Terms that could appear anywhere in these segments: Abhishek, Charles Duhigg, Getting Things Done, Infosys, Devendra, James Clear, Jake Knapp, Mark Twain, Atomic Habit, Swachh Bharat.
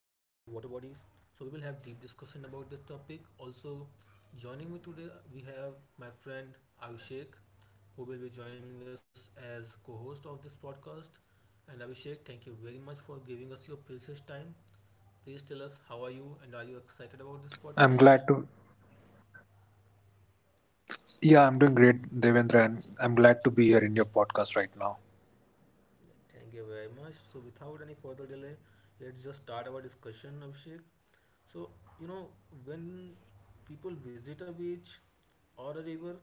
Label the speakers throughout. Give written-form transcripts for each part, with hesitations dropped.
Speaker 1: bodies. So, we will have deep discussion about this topic. Also, joining me today, we have my friend Abhishek, who will be joining us as co host of this podcast. And Abhishek, thank you very much for giving us your precious time. Please tell us how
Speaker 2: I'm
Speaker 1: are you
Speaker 2: glad to.
Speaker 1: and are you excited about this podcast?
Speaker 2: Yeah, I'm doing great, Devendra, and I'm glad to be here in your podcast right now.
Speaker 1: Thank you very much. So, without any further delay, let's just start our discussion, Abhishek. So, you know, when people visit a beach or a river,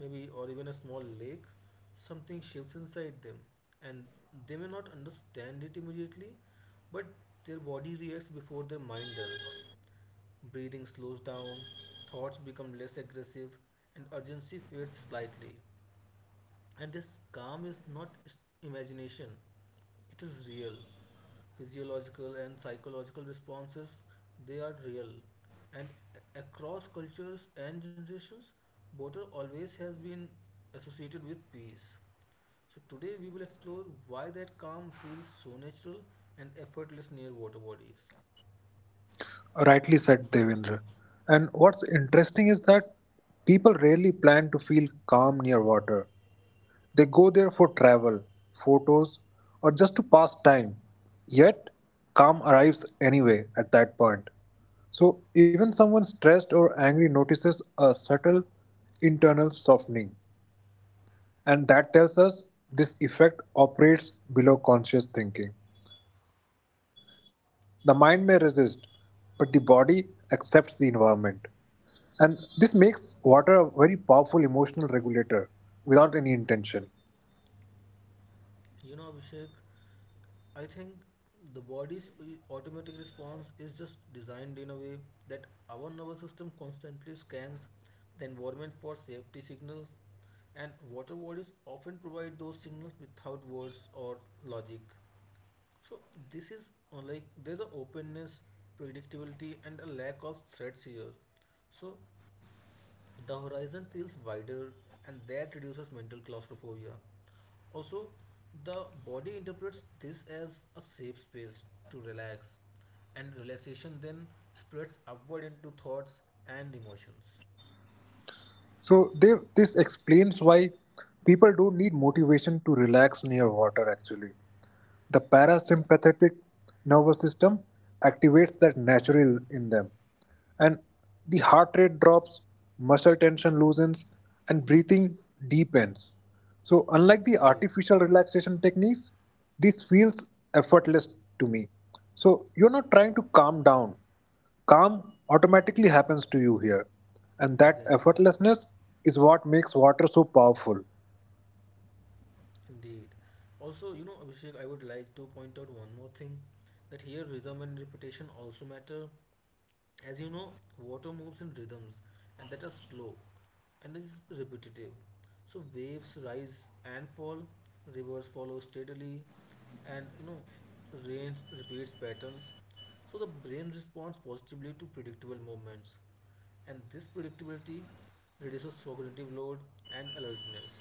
Speaker 1: maybe, or even a small lake, something shifts inside them, and they may not understand it immediately, but their body reacts before their mind does. Breathing slows down, thoughts become less aggressive, and urgency fades slightly. And this calm is not imagination, it is real physiological and psychological responses, they are real. And across cultures and generations, water always has been associated with peace. So today we will explore why that calm feels so natural and effortless near water bodies.
Speaker 2: Rightly said, Devendra. And what's interesting is that people rarely plan to feel calm near water. They go there for travel, photos, or just to pass time. Yet, calm arrives anyway at that point. So, even someone stressed or angry notices a subtle internal softening. And that tells us this effect operates below conscious thinking. The mind may resist, but the body accepts the environment. And this makes water a very powerful emotional regulator without any intention.
Speaker 1: Abhishek, I think the body's automatic response is just designed in a way that our nervous system constantly scans the environment for safety signals, and water bodies often provide those signals without words or logic. So, this is like there's an openness, predictability, and a lack of threats here. So, the horizon feels wider and that reduces mental claustrophobia. Also, the body interprets this as a safe space to relax, and relaxation then spreads upward into thoughts and emotions.
Speaker 2: This explains why people don't need motivation to relax near water actually. The
Speaker 1: Yeah,
Speaker 2: parasympathetic nervous system activates that natural in them, and the heart rate drops, muscle tension loosens, and breathing deepens. So, unlike
Speaker 1: yes,
Speaker 2: the
Speaker 1: indeed,
Speaker 2: artificial relaxation techniques, this feels effortless to me. So, you're not trying to calm down, calm automatically happens to you here, and that
Speaker 1: exactly,
Speaker 2: effortlessness is what makes water so powerful.
Speaker 1: indeed. Also, Abhishek, I would like to point out one more thing that here rhythm and repetition also matter. As you know, water moves in rhythms and that are slow and is repetitive. So waves rise and fall, rivers follow steadily, and rain repeats patterns. So the brain responds positively to predictable movements, and this predictability reduces cognitive load and alertness.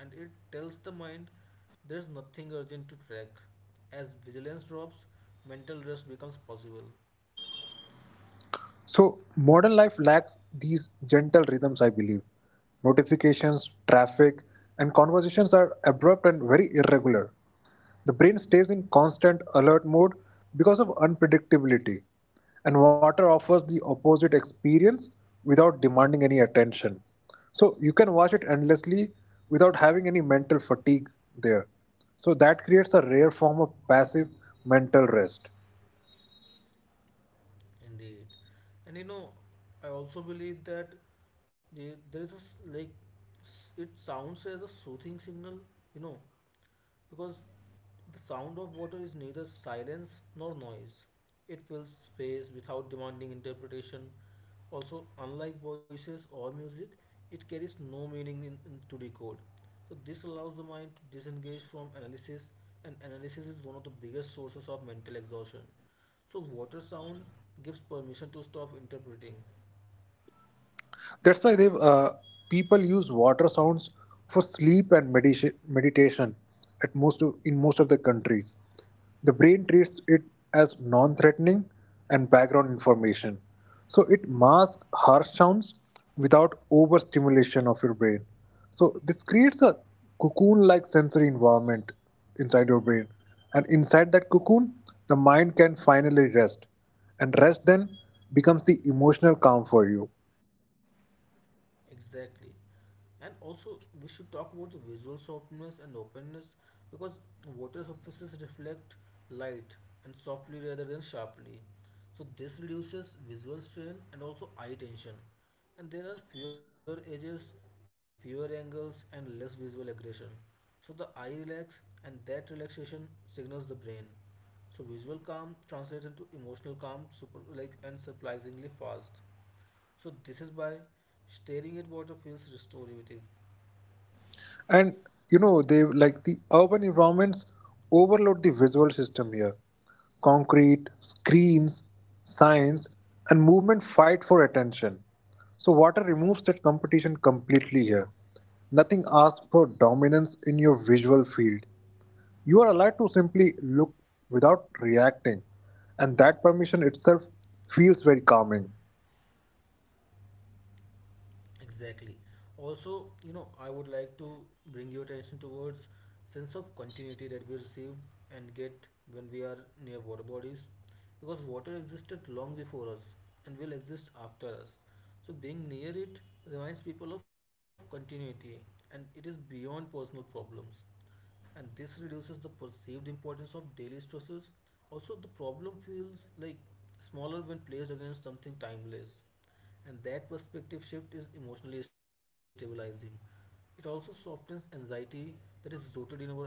Speaker 1: And it tells the mind there's nothing urgent to track. As vigilance drops, mental rest becomes possible.
Speaker 2: So, modern life lacks these gentle rhythms, I believe. Notifications, traffic, and conversations are abrupt and very irregular. The brain stays in constant alert mode because of unpredictability, and water offers the opposite experience without demanding any attention. So, you can watch it endlessly without having any mental fatigue there. So, that creates a rare form of passive mental rest.
Speaker 1: Indeed. And I also believe that yeah, there is a, s- like s- it sounds as a soothing signal, you know, because the sound of water is neither silence nor noise. It fills space without demanding interpretation. Also, unlike voices or music, it carries no meaning in to decode. So this allows the mind to disengage from analysis, and analysis is one of the biggest sources of mental exhaustion. So water sound gives permission to stop interpreting.
Speaker 2: That's why they people use water sounds for sleep and meditation at in most of the countries. The brain treats it as non-threatening and background information. So it masks harsh sounds without overstimulation of your brain. So this creates a cocoon-like sensory environment inside your brain. And inside that cocoon, the mind can finally rest. And rest then becomes the emotional calm for you.
Speaker 1: Exactly. And also, we should talk about the visual softness and openness because water surfaces reflect light and softly rather than sharply. So, this reduces visual strain and also eye tension. And there are fewer edges, fewer angles, and less visual aggression. So, the eye relax, and that relaxation signals the brain. So, visual calm translates into emotional calm, super like and surprisingly fast. So, this is why staring at water feels restorative.
Speaker 2: And you know, the urban environments overload the visual system here. Concrete, screens, signs, and movement fight for attention. So water removes that competition completely here. Nothing asks for dominance in your visual field. You are allowed to simply look without reacting, and that permission itself feels very calming.
Speaker 1: Exactly. Also, I would like to bring your attention towards sense of continuity that we receive and get when we are near water bodies because water existed long before us and will exist after us. So being near it reminds people of continuity and it is beyond personal problems, and this reduces the perceived importance of daily stresses. Also, the problem feels like smaller when placed against something timeless, and that perspective shift is emotionally stabilizing. It also softens anxiety that is rooted in our urgency.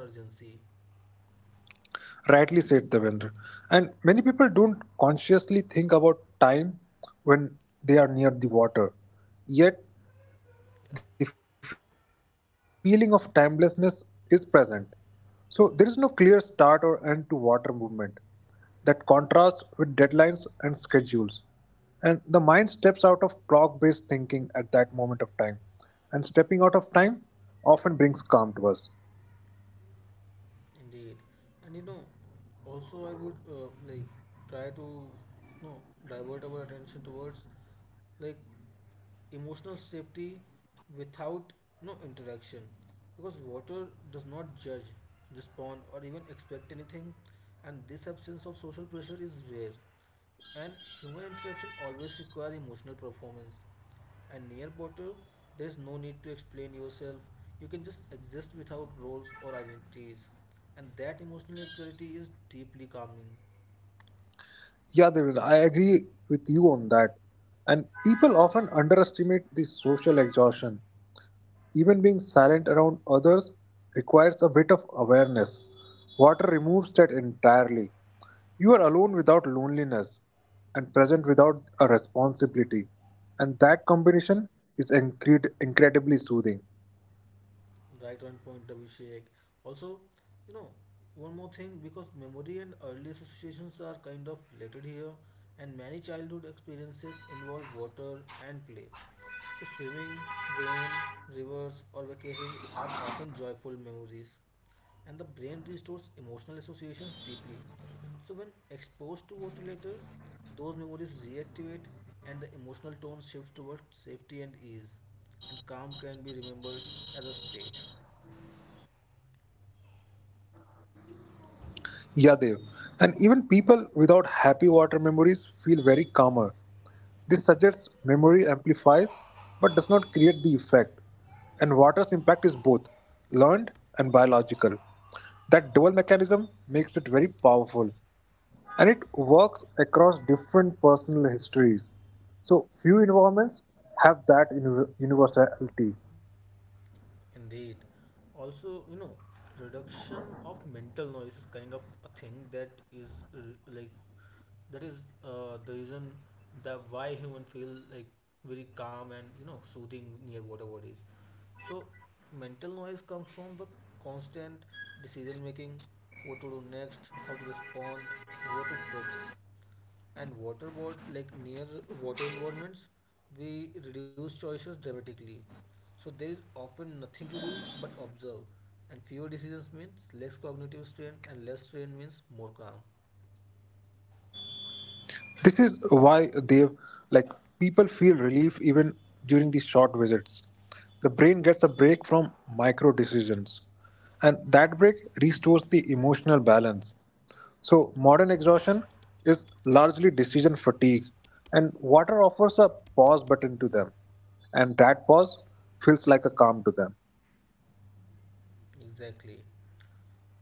Speaker 2: Rightly said, Devendra. And many people don't consciously think about time when they are near the water. Yet, the
Speaker 1: Yeah.
Speaker 2: feeling of timelessness is present. So, there is no clear start or end to water movement that contrasts with deadlines and schedules. And the mind steps out of clock based thinking at that moment of time. And stepping out of time often brings calm to us.
Speaker 1: Indeed. And also I would like try to you know divert our attention towards like emotional safety without no interaction, because water does not judge, respond, or even expect anything, and this absence of social pressure is rare. And human interaction always require emotional performance, and near potter there is no need to explain yourself. You can just exist without roles or identities, and that emotional neutrality is deeply calming.
Speaker 2: Yeah, Devin, I agree with you on that. And people often underestimate the social exhaustion. Even being silent around others requires a bit of awareness. Water removes that entirely. You are alone without loneliness and present without a responsibility. And that combination is incredibly soothing.
Speaker 1: Right on point, Abhishek. Also, you know one more thing, because memory and early associations are kind of related here, and many childhood experiences involve water and play. So, swimming, rain, rivers, or vacations are often joyful memories, and the brain restores emotional associations deeply. So, when exposed to water later, those memories reactivate and the emotional tone shifts toward safety and ease, and calm can be remembered as a state.
Speaker 2: Yeah, Dev. And even people without happy water memories feel very calmer. This suggests memory amplifies but does not create the effect. And water's impact is both learned and biological. That dual mechanism makes it very powerful. And it works across different personal histories. So few environments have that universality.
Speaker 1: Indeed. Also, reduction of mental noise is kind of a thing like that is the reason that why human feel like very calm and soothing near water bodies. So, mental noise comes from the constant decision making, what to do next, how to respond, and what to fix. And waterboard, like near water environments, we reduce choices dramatically. So there is often nothing to do but observe, and fewer decisions means less cognitive strain, and less strain means more calm.
Speaker 2: This is why they like people feel relief even during these short visits. The brain gets a break from micro decisions, and that break restores the emotional balance. So, modern exhaustion is largely decision fatigue, and water offers a pause button to them, and that pause feels like a calm to them.
Speaker 1: Exactly.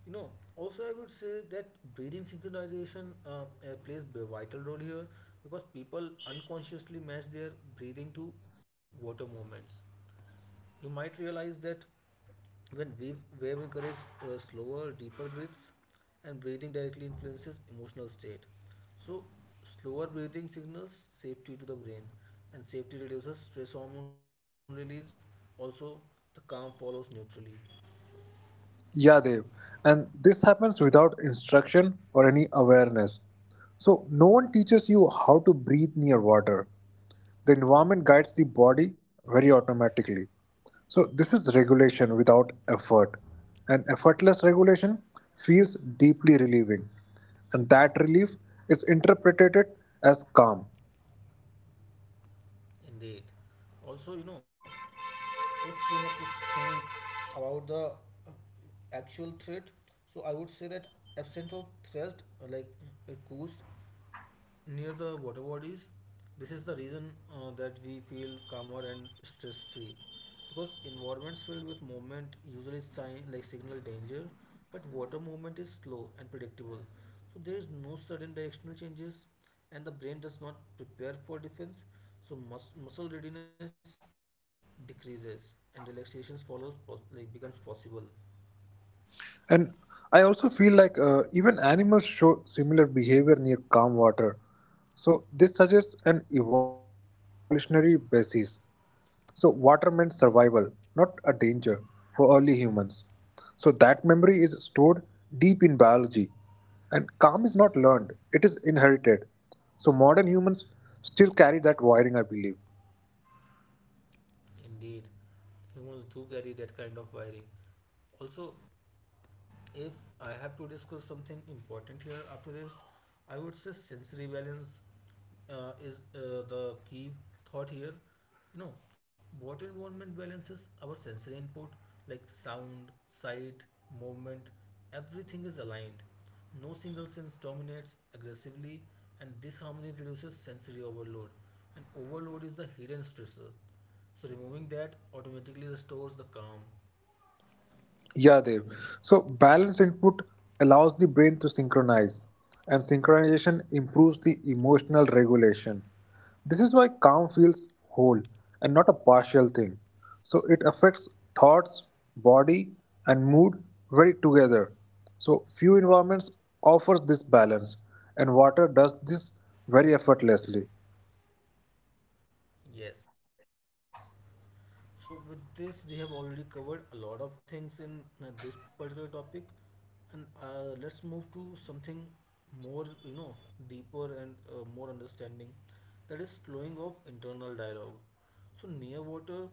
Speaker 1: know Also I would say that breathing synchronization plays a vital role here because people unconsciously match their breathing to water movements. You might realize that when we- wave encourages slower, deeper breaths, and breathing directly influences emotional state. So, slower breathing signals safety to the brain, and safety reduces stress hormone release. Also, the calm follows neutrally.
Speaker 2: Yeah, Dev. And this happens without instruction or any awareness. So, no one teaches you how to breathe near water. The environment guides the body very automatically. So, this is regulation without effort. And effortless regulation feels deeply relieving. And that relief is interpreted as calm.
Speaker 1: Indeed. Also, if we have to think about the uh, actual threat, so I would say that absent of threat, like coups near the water bodies. This is the reason that we feel calmer and stress free because environments filled with movement usually signal danger, but water movement is slow and predictable. So there is no sudden directional changes and the brain does not prepare for defense. So muscle readiness decreases and relaxation follows becomes possible.
Speaker 2: And I also feel like even animals show similar behavior near calm water. So this suggests an evolutionary basis. So water meant survival, not a danger for early humans. So that memory is stored deep in biology. And calm is not learned, it is inherited. So modern humans still carry that wiring, I believe.
Speaker 1: Indeed, humans do carry that kind of wiring. Also, if I have to discuss something important here after this, I would say sensory balance is the key thought here. You know, what environment balances our sensory input like sound, sight, movement, everything is aligned. No single sense dominates aggressively, and this harmony reduces sensory overload. And overload is the hidden stressor. So, removing that automatically restores the calm.
Speaker 2: Yeah, Dev. So, balanced input allows the brain to synchronize, and synchronization improves the emotional regulation. This is why calm feels whole and not a partial thing. So, it affects thoughts, body, and mood very together. So, few environments offers this balance, and water does this very effortlessly.
Speaker 1: Yes. So, with this, we have already covered a lot of things in this particular topic, and let's move to something more, deeper and more understanding, that is slowing of internal dialogue. So, near water,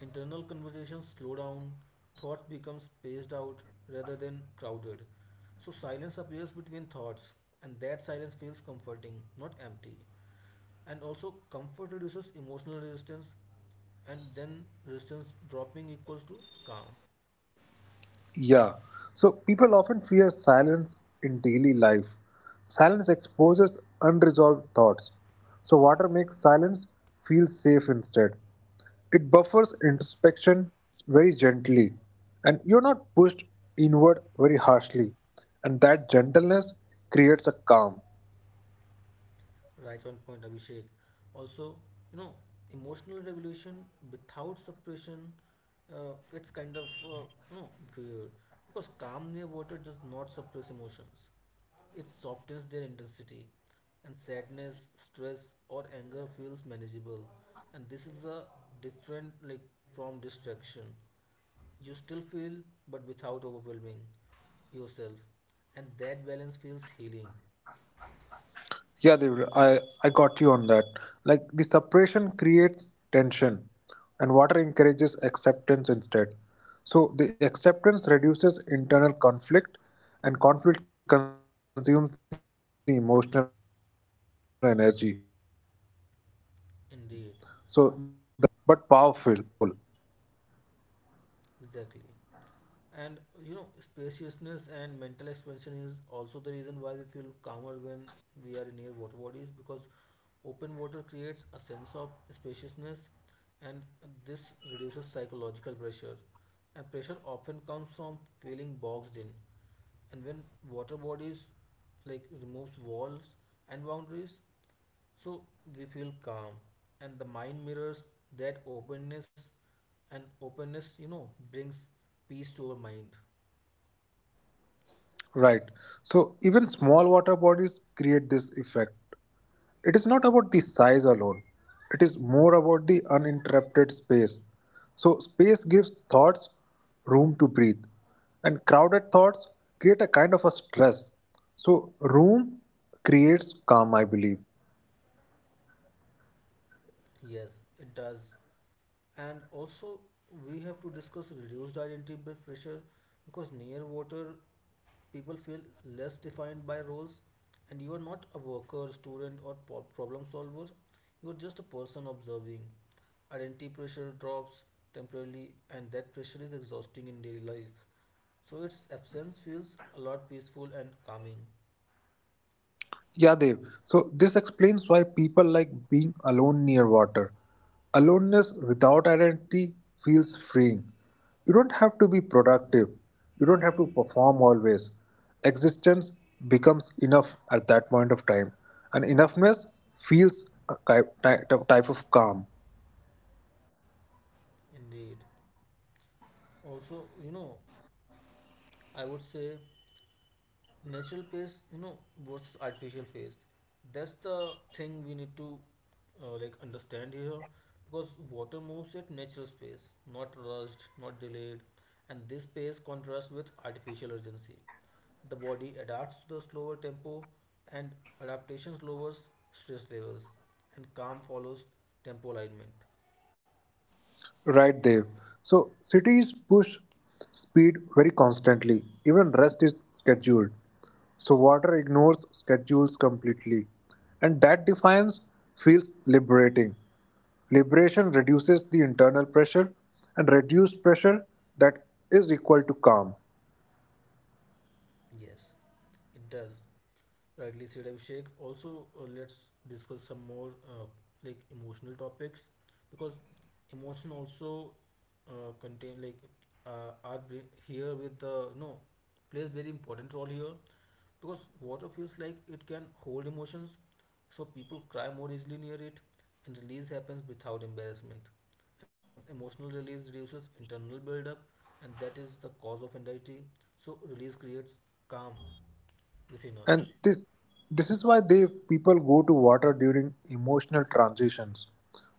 Speaker 1: internal conversations slow down, thoughts become spaced out rather than crowded. So, silence appears between thoughts, and that silence feels comforting, not empty, and also comfort reduces emotional resistance, and then resistance dropping equals to calm.
Speaker 2: Yeah. So people often fear silence in daily life. Silence exposes unresolved thoughts. So water makes silence feel safe instead. It buffers introspection very gently. And you're not pushed inward very harshly. And that gentleness creates a calm.
Speaker 1: Right on point, Abhishek. Also, you know emotional regulation without suppression, it's kind of you know weird, because calm near water does not suppress emotions, it softens their intensity. And sadness, stress, or anger feels manageable, and this is a different like from distraction. You still feel, but without overwhelming yourself, and that balance feels healing.
Speaker 2: Yeah, Devra, I got you on that. Like the separation creates tension, and water encourages acceptance instead. So the acceptance reduces internal conflict, and conflict consumes the emotional energy. So the less conflict equals more calm, and this is subtle
Speaker 1: Indeed,
Speaker 2: but powerful. Powerful,
Speaker 1: exactly. And spaciousness and mental expansion is also the reason why we feel calmer when we are near water bodies, because open water creates a sense of spaciousness, and this reduces psychological pressure. And pressure often comes from feeling boxed in. And when water bodies like removes walls and boundaries, so they feel calm, and the mind mirrors that openness, and openness, brings peace to our mind.
Speaker 2: right? So even small water bodies create this effect. It is not about the size alone, it is more about the uninterrupted space. So, space gives thoughts room to breathe, and crowded thoughts create a kind of a stress. So, room creates calm, I believe.
Speaker 1: Yes, it does. And also, we have to discuss reduced identity by pressure, because near water, people feel less defined by roles, and you are not a worker, student, or problem solver. You are just a person observing. Identity pressure drops temporarily, and that pressure is exhausting in daily life. So its absence feels a lot peaceful and calming.
Speaker 2: Yeah, Dev. So this explains why people like being alone near water. Aloneness without identity feels freeing. You don't have to be productive. You don't have to perform always. Existence becomes enough at that point of time. And enoughness feels a type of calm.
Speaker 1: Indeed. Also, I would say natural pace, versus artificial pace. That's the thing we need to like understand here, because water moves at natural pace, not rushed, not delayed, and this pace contrasts with artificial urgency. The body adapts to the slower tempo, and adaptation lowers stress levels, and calm follows tempo alignment.
Speaker 2: Right, Dev. So cities push speed very constantly. Even rest is scheduled. So water ignores schedules completely. And that defiance feels liberating. Liberation reduces the internal pressure and reduced pressure that is equal to calm.
Speaker 1: Yes, it does. Rightly said, Abhishek. Also, let's discuss some more like emotional topics, because emotion also contain like are here with the plays very important role here, because water feels like it can hold emotions, so people cry more easily near it, and release happens without embarrassment. And emotional release reduces internal buildup, and that is the cause of anxiety. So release creates calm within
Speaker 2: and
Speaker 1: us.
Speaker 2: this is why they people go to water during emotional transitions,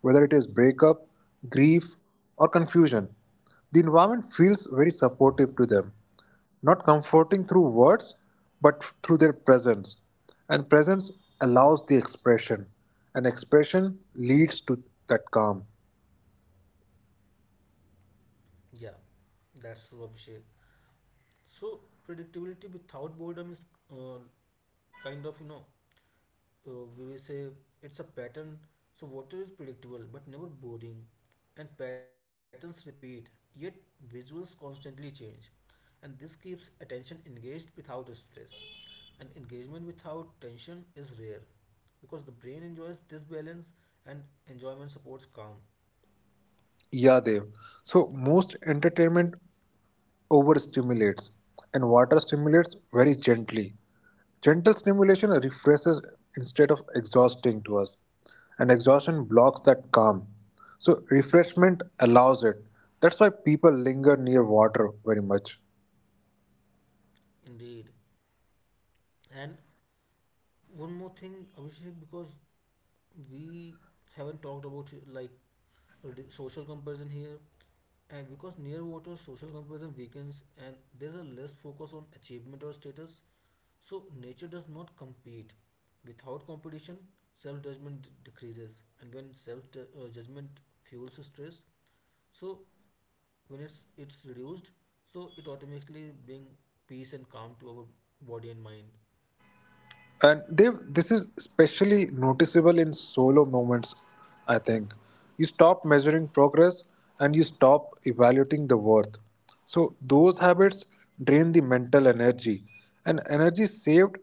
Speaker 2: whether it is breakup, grief, or confusion. The environment feels very supportive to them, not comforting through words but through their presence. And presence allows the expression, and expression leads to that calm.
Speaker 1: Yeah, that's true, Abhishek. So predictability without boredom is uh, kind of we will say it's a pattern. So water is predictable but never boring, and patterns repeat. Yet visuals constantly change, and this keeps attention engaged without stress. And engagement without tension is rare because the brain enjoys this balance, and enjoyment supports calm.
Speaker 2: Yeah, Dev. So most entertainment overstimulates and water stimulates very gently. Gentle stimulation refreshes instead of exhausting to us, and exhaustion blocks that calm. So, refreshment allows it. That's why people linger near water very much.
Speaker 1: Indeed. And one more thing, Abhishek, because we haven't talked about like social comparison here, and because near water social comparison weakens and there's a less focus on achievement or status. So nature does not compete. Without competition, self judgment decreases, and when self judgment fuels stress, so when it's reduced, so it automatically bring peace and calm to our body and mind.
Speaker 2: And they this is especially noticeable in solo moments, I think. You stop measuring progress and you stop evaluating the worth. So those habits drain the mental energy, and energy saved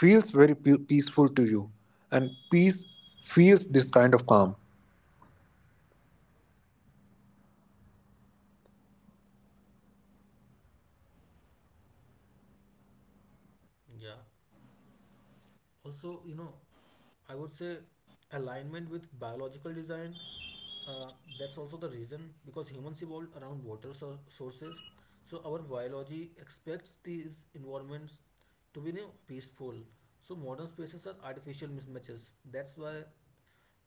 Speaker 2: feels very peaceful to you, and peace feels this kind of calm.
Speaker 1: Yeah. Also, I would say alignment with biological design, uh, that's also the reason because humans evolved around water sources. So our biology expects these environments to be peaceful. So modern spaces are artificial mismatches, that's why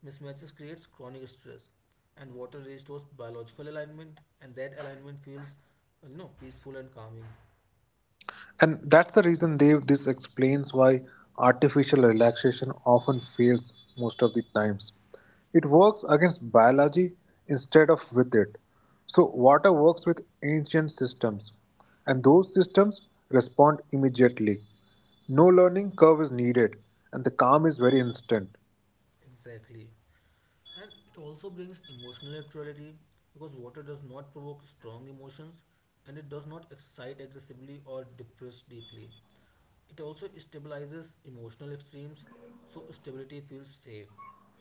Speaker 1: mismatches creates chronic stress. And water restores biological alignment, and that alignment feels peaceful and calming.
Speaker 2: And that's the reason, Dev, this explains why artificial relaxation often fails most of the times. It works against biology instead of with it. So, water works with ancient systems, and those systems respond immediately. No learning curve is needed, and the calm is very instant.
Speaker 1: Exactly. And it also brings emotional neutrality because water does not provoke strong emotions and it does not excite excessively or depress deeply. It also stabilizes emotional extremes, so stability feels safe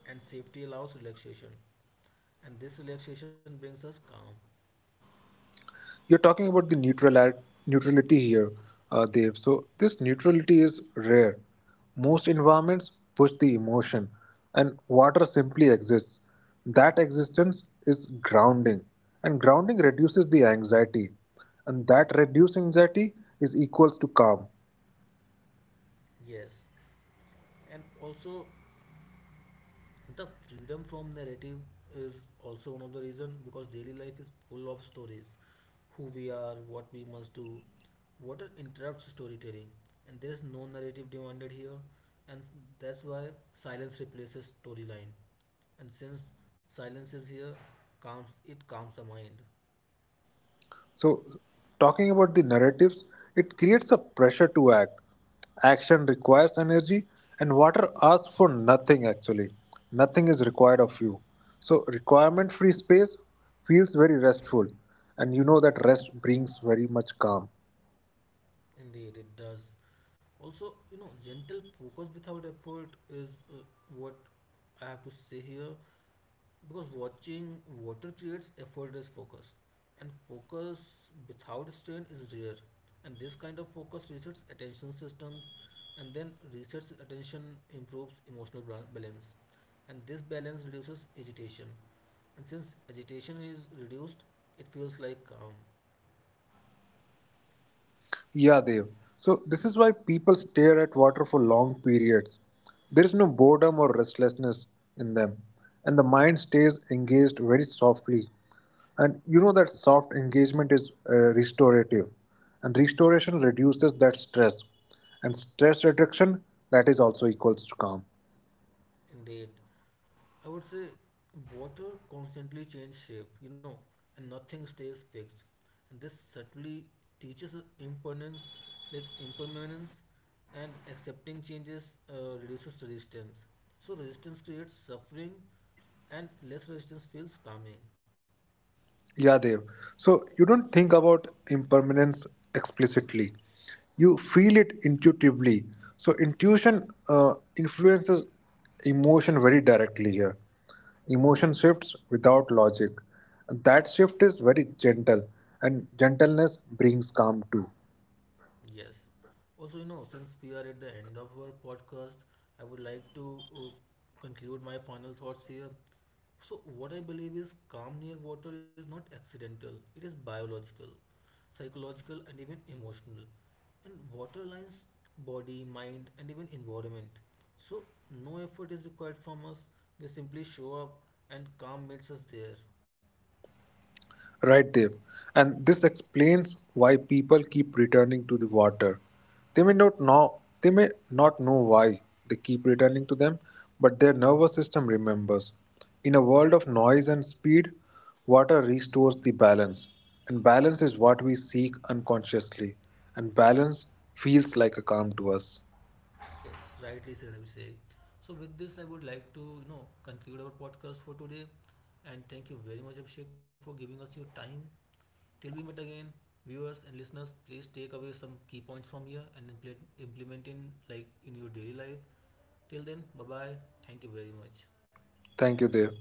Speaker 1: and safety allows relaxation. And this relaxation brings us calm.
Speaker 2: You're talking about the neutrality here, Dev. So this neutrality is rare. Most environments push the emotion, and water simply exists. That existence is grounding, and grounding reduces the anxiety, and that reduced anxiety is equals to calm.
Speaker 1: Yes, and also the freedom from narrative is also one of the reason because daily life is full of stories, who we are, what we must do. Water interrupts storytelling, and there is no narrative demanded here, and that's why silence replaces storyline. And since silence is here, calms it calms the mind.
Speaker 2: So, talking about the narratives, it creates a pressure to act. Action requires energy, and water asks for nothing actually. Nothing is required of you. So, requirement free space feels very restful, and you know that rest brings very much calm.
Speaker 1: Indeed, it does. Also, gentle focus without effort is what I have to say here. Because watching water creates effortless focus, and focus without strain is rare. And this kind of focus resets attention systems, and then resets attention improves emotional balance, and this balance reduces agitation. And since agitation is reduced, it feels like calm.
Speaker 2: Yeah, Dev. So this is why people stare at water for long periods. There is no boredom or restlessness in them, and the mind stays engaged very softly. And you know that soft engagement is restorative, and restoration reduces that stress, and stress reduction that is also equals to calm.
Speaker 1: Indeed, I would say water constantly changes shape, and nothing stays fixed. And this subtly teaches us impermanence, and accepting changes reduces resistance. So resistance creates suffering, and less resistance feels calming.
Speaker 2: Yeah, Dev. So you don't think about impermanence explicitly. You feel it intuitively. So intuition influences emotion very directly here. Emotion shifts without logic. And that shift is very gentle, and gentleness brings calm too.
Speaker 1: Yes. Also, since we are at the end of our podcast, I would like to conclude my final thoughts here. So, what I believe is calm near water is not accidental, it is biological, psychological, and even emotional. And water lines body, mind, and even environment. So, no effort is required from us, we simply show up, and calm meets us there.
Speaker 2: Right, Dev. And this explains why people keep returning to the water. They may not know why they keep returning to them, but their nervous system remembers. In a world of noise and speed, water restores the balance. And balance is what we seek unconsciously. And balance feels like a calm to us.
Speaker 1: Yes, rightly said, Abhishek. So, with this, I would like to conclude our podcast for today. And thank you very much, Abhishek, for giving us your time. Till we meet again, viewers and listeners, please take away some key points from here and implement, in your daily life. Till then, bye bye. Thank you very much.
Speaker 2: Thank you, Dev.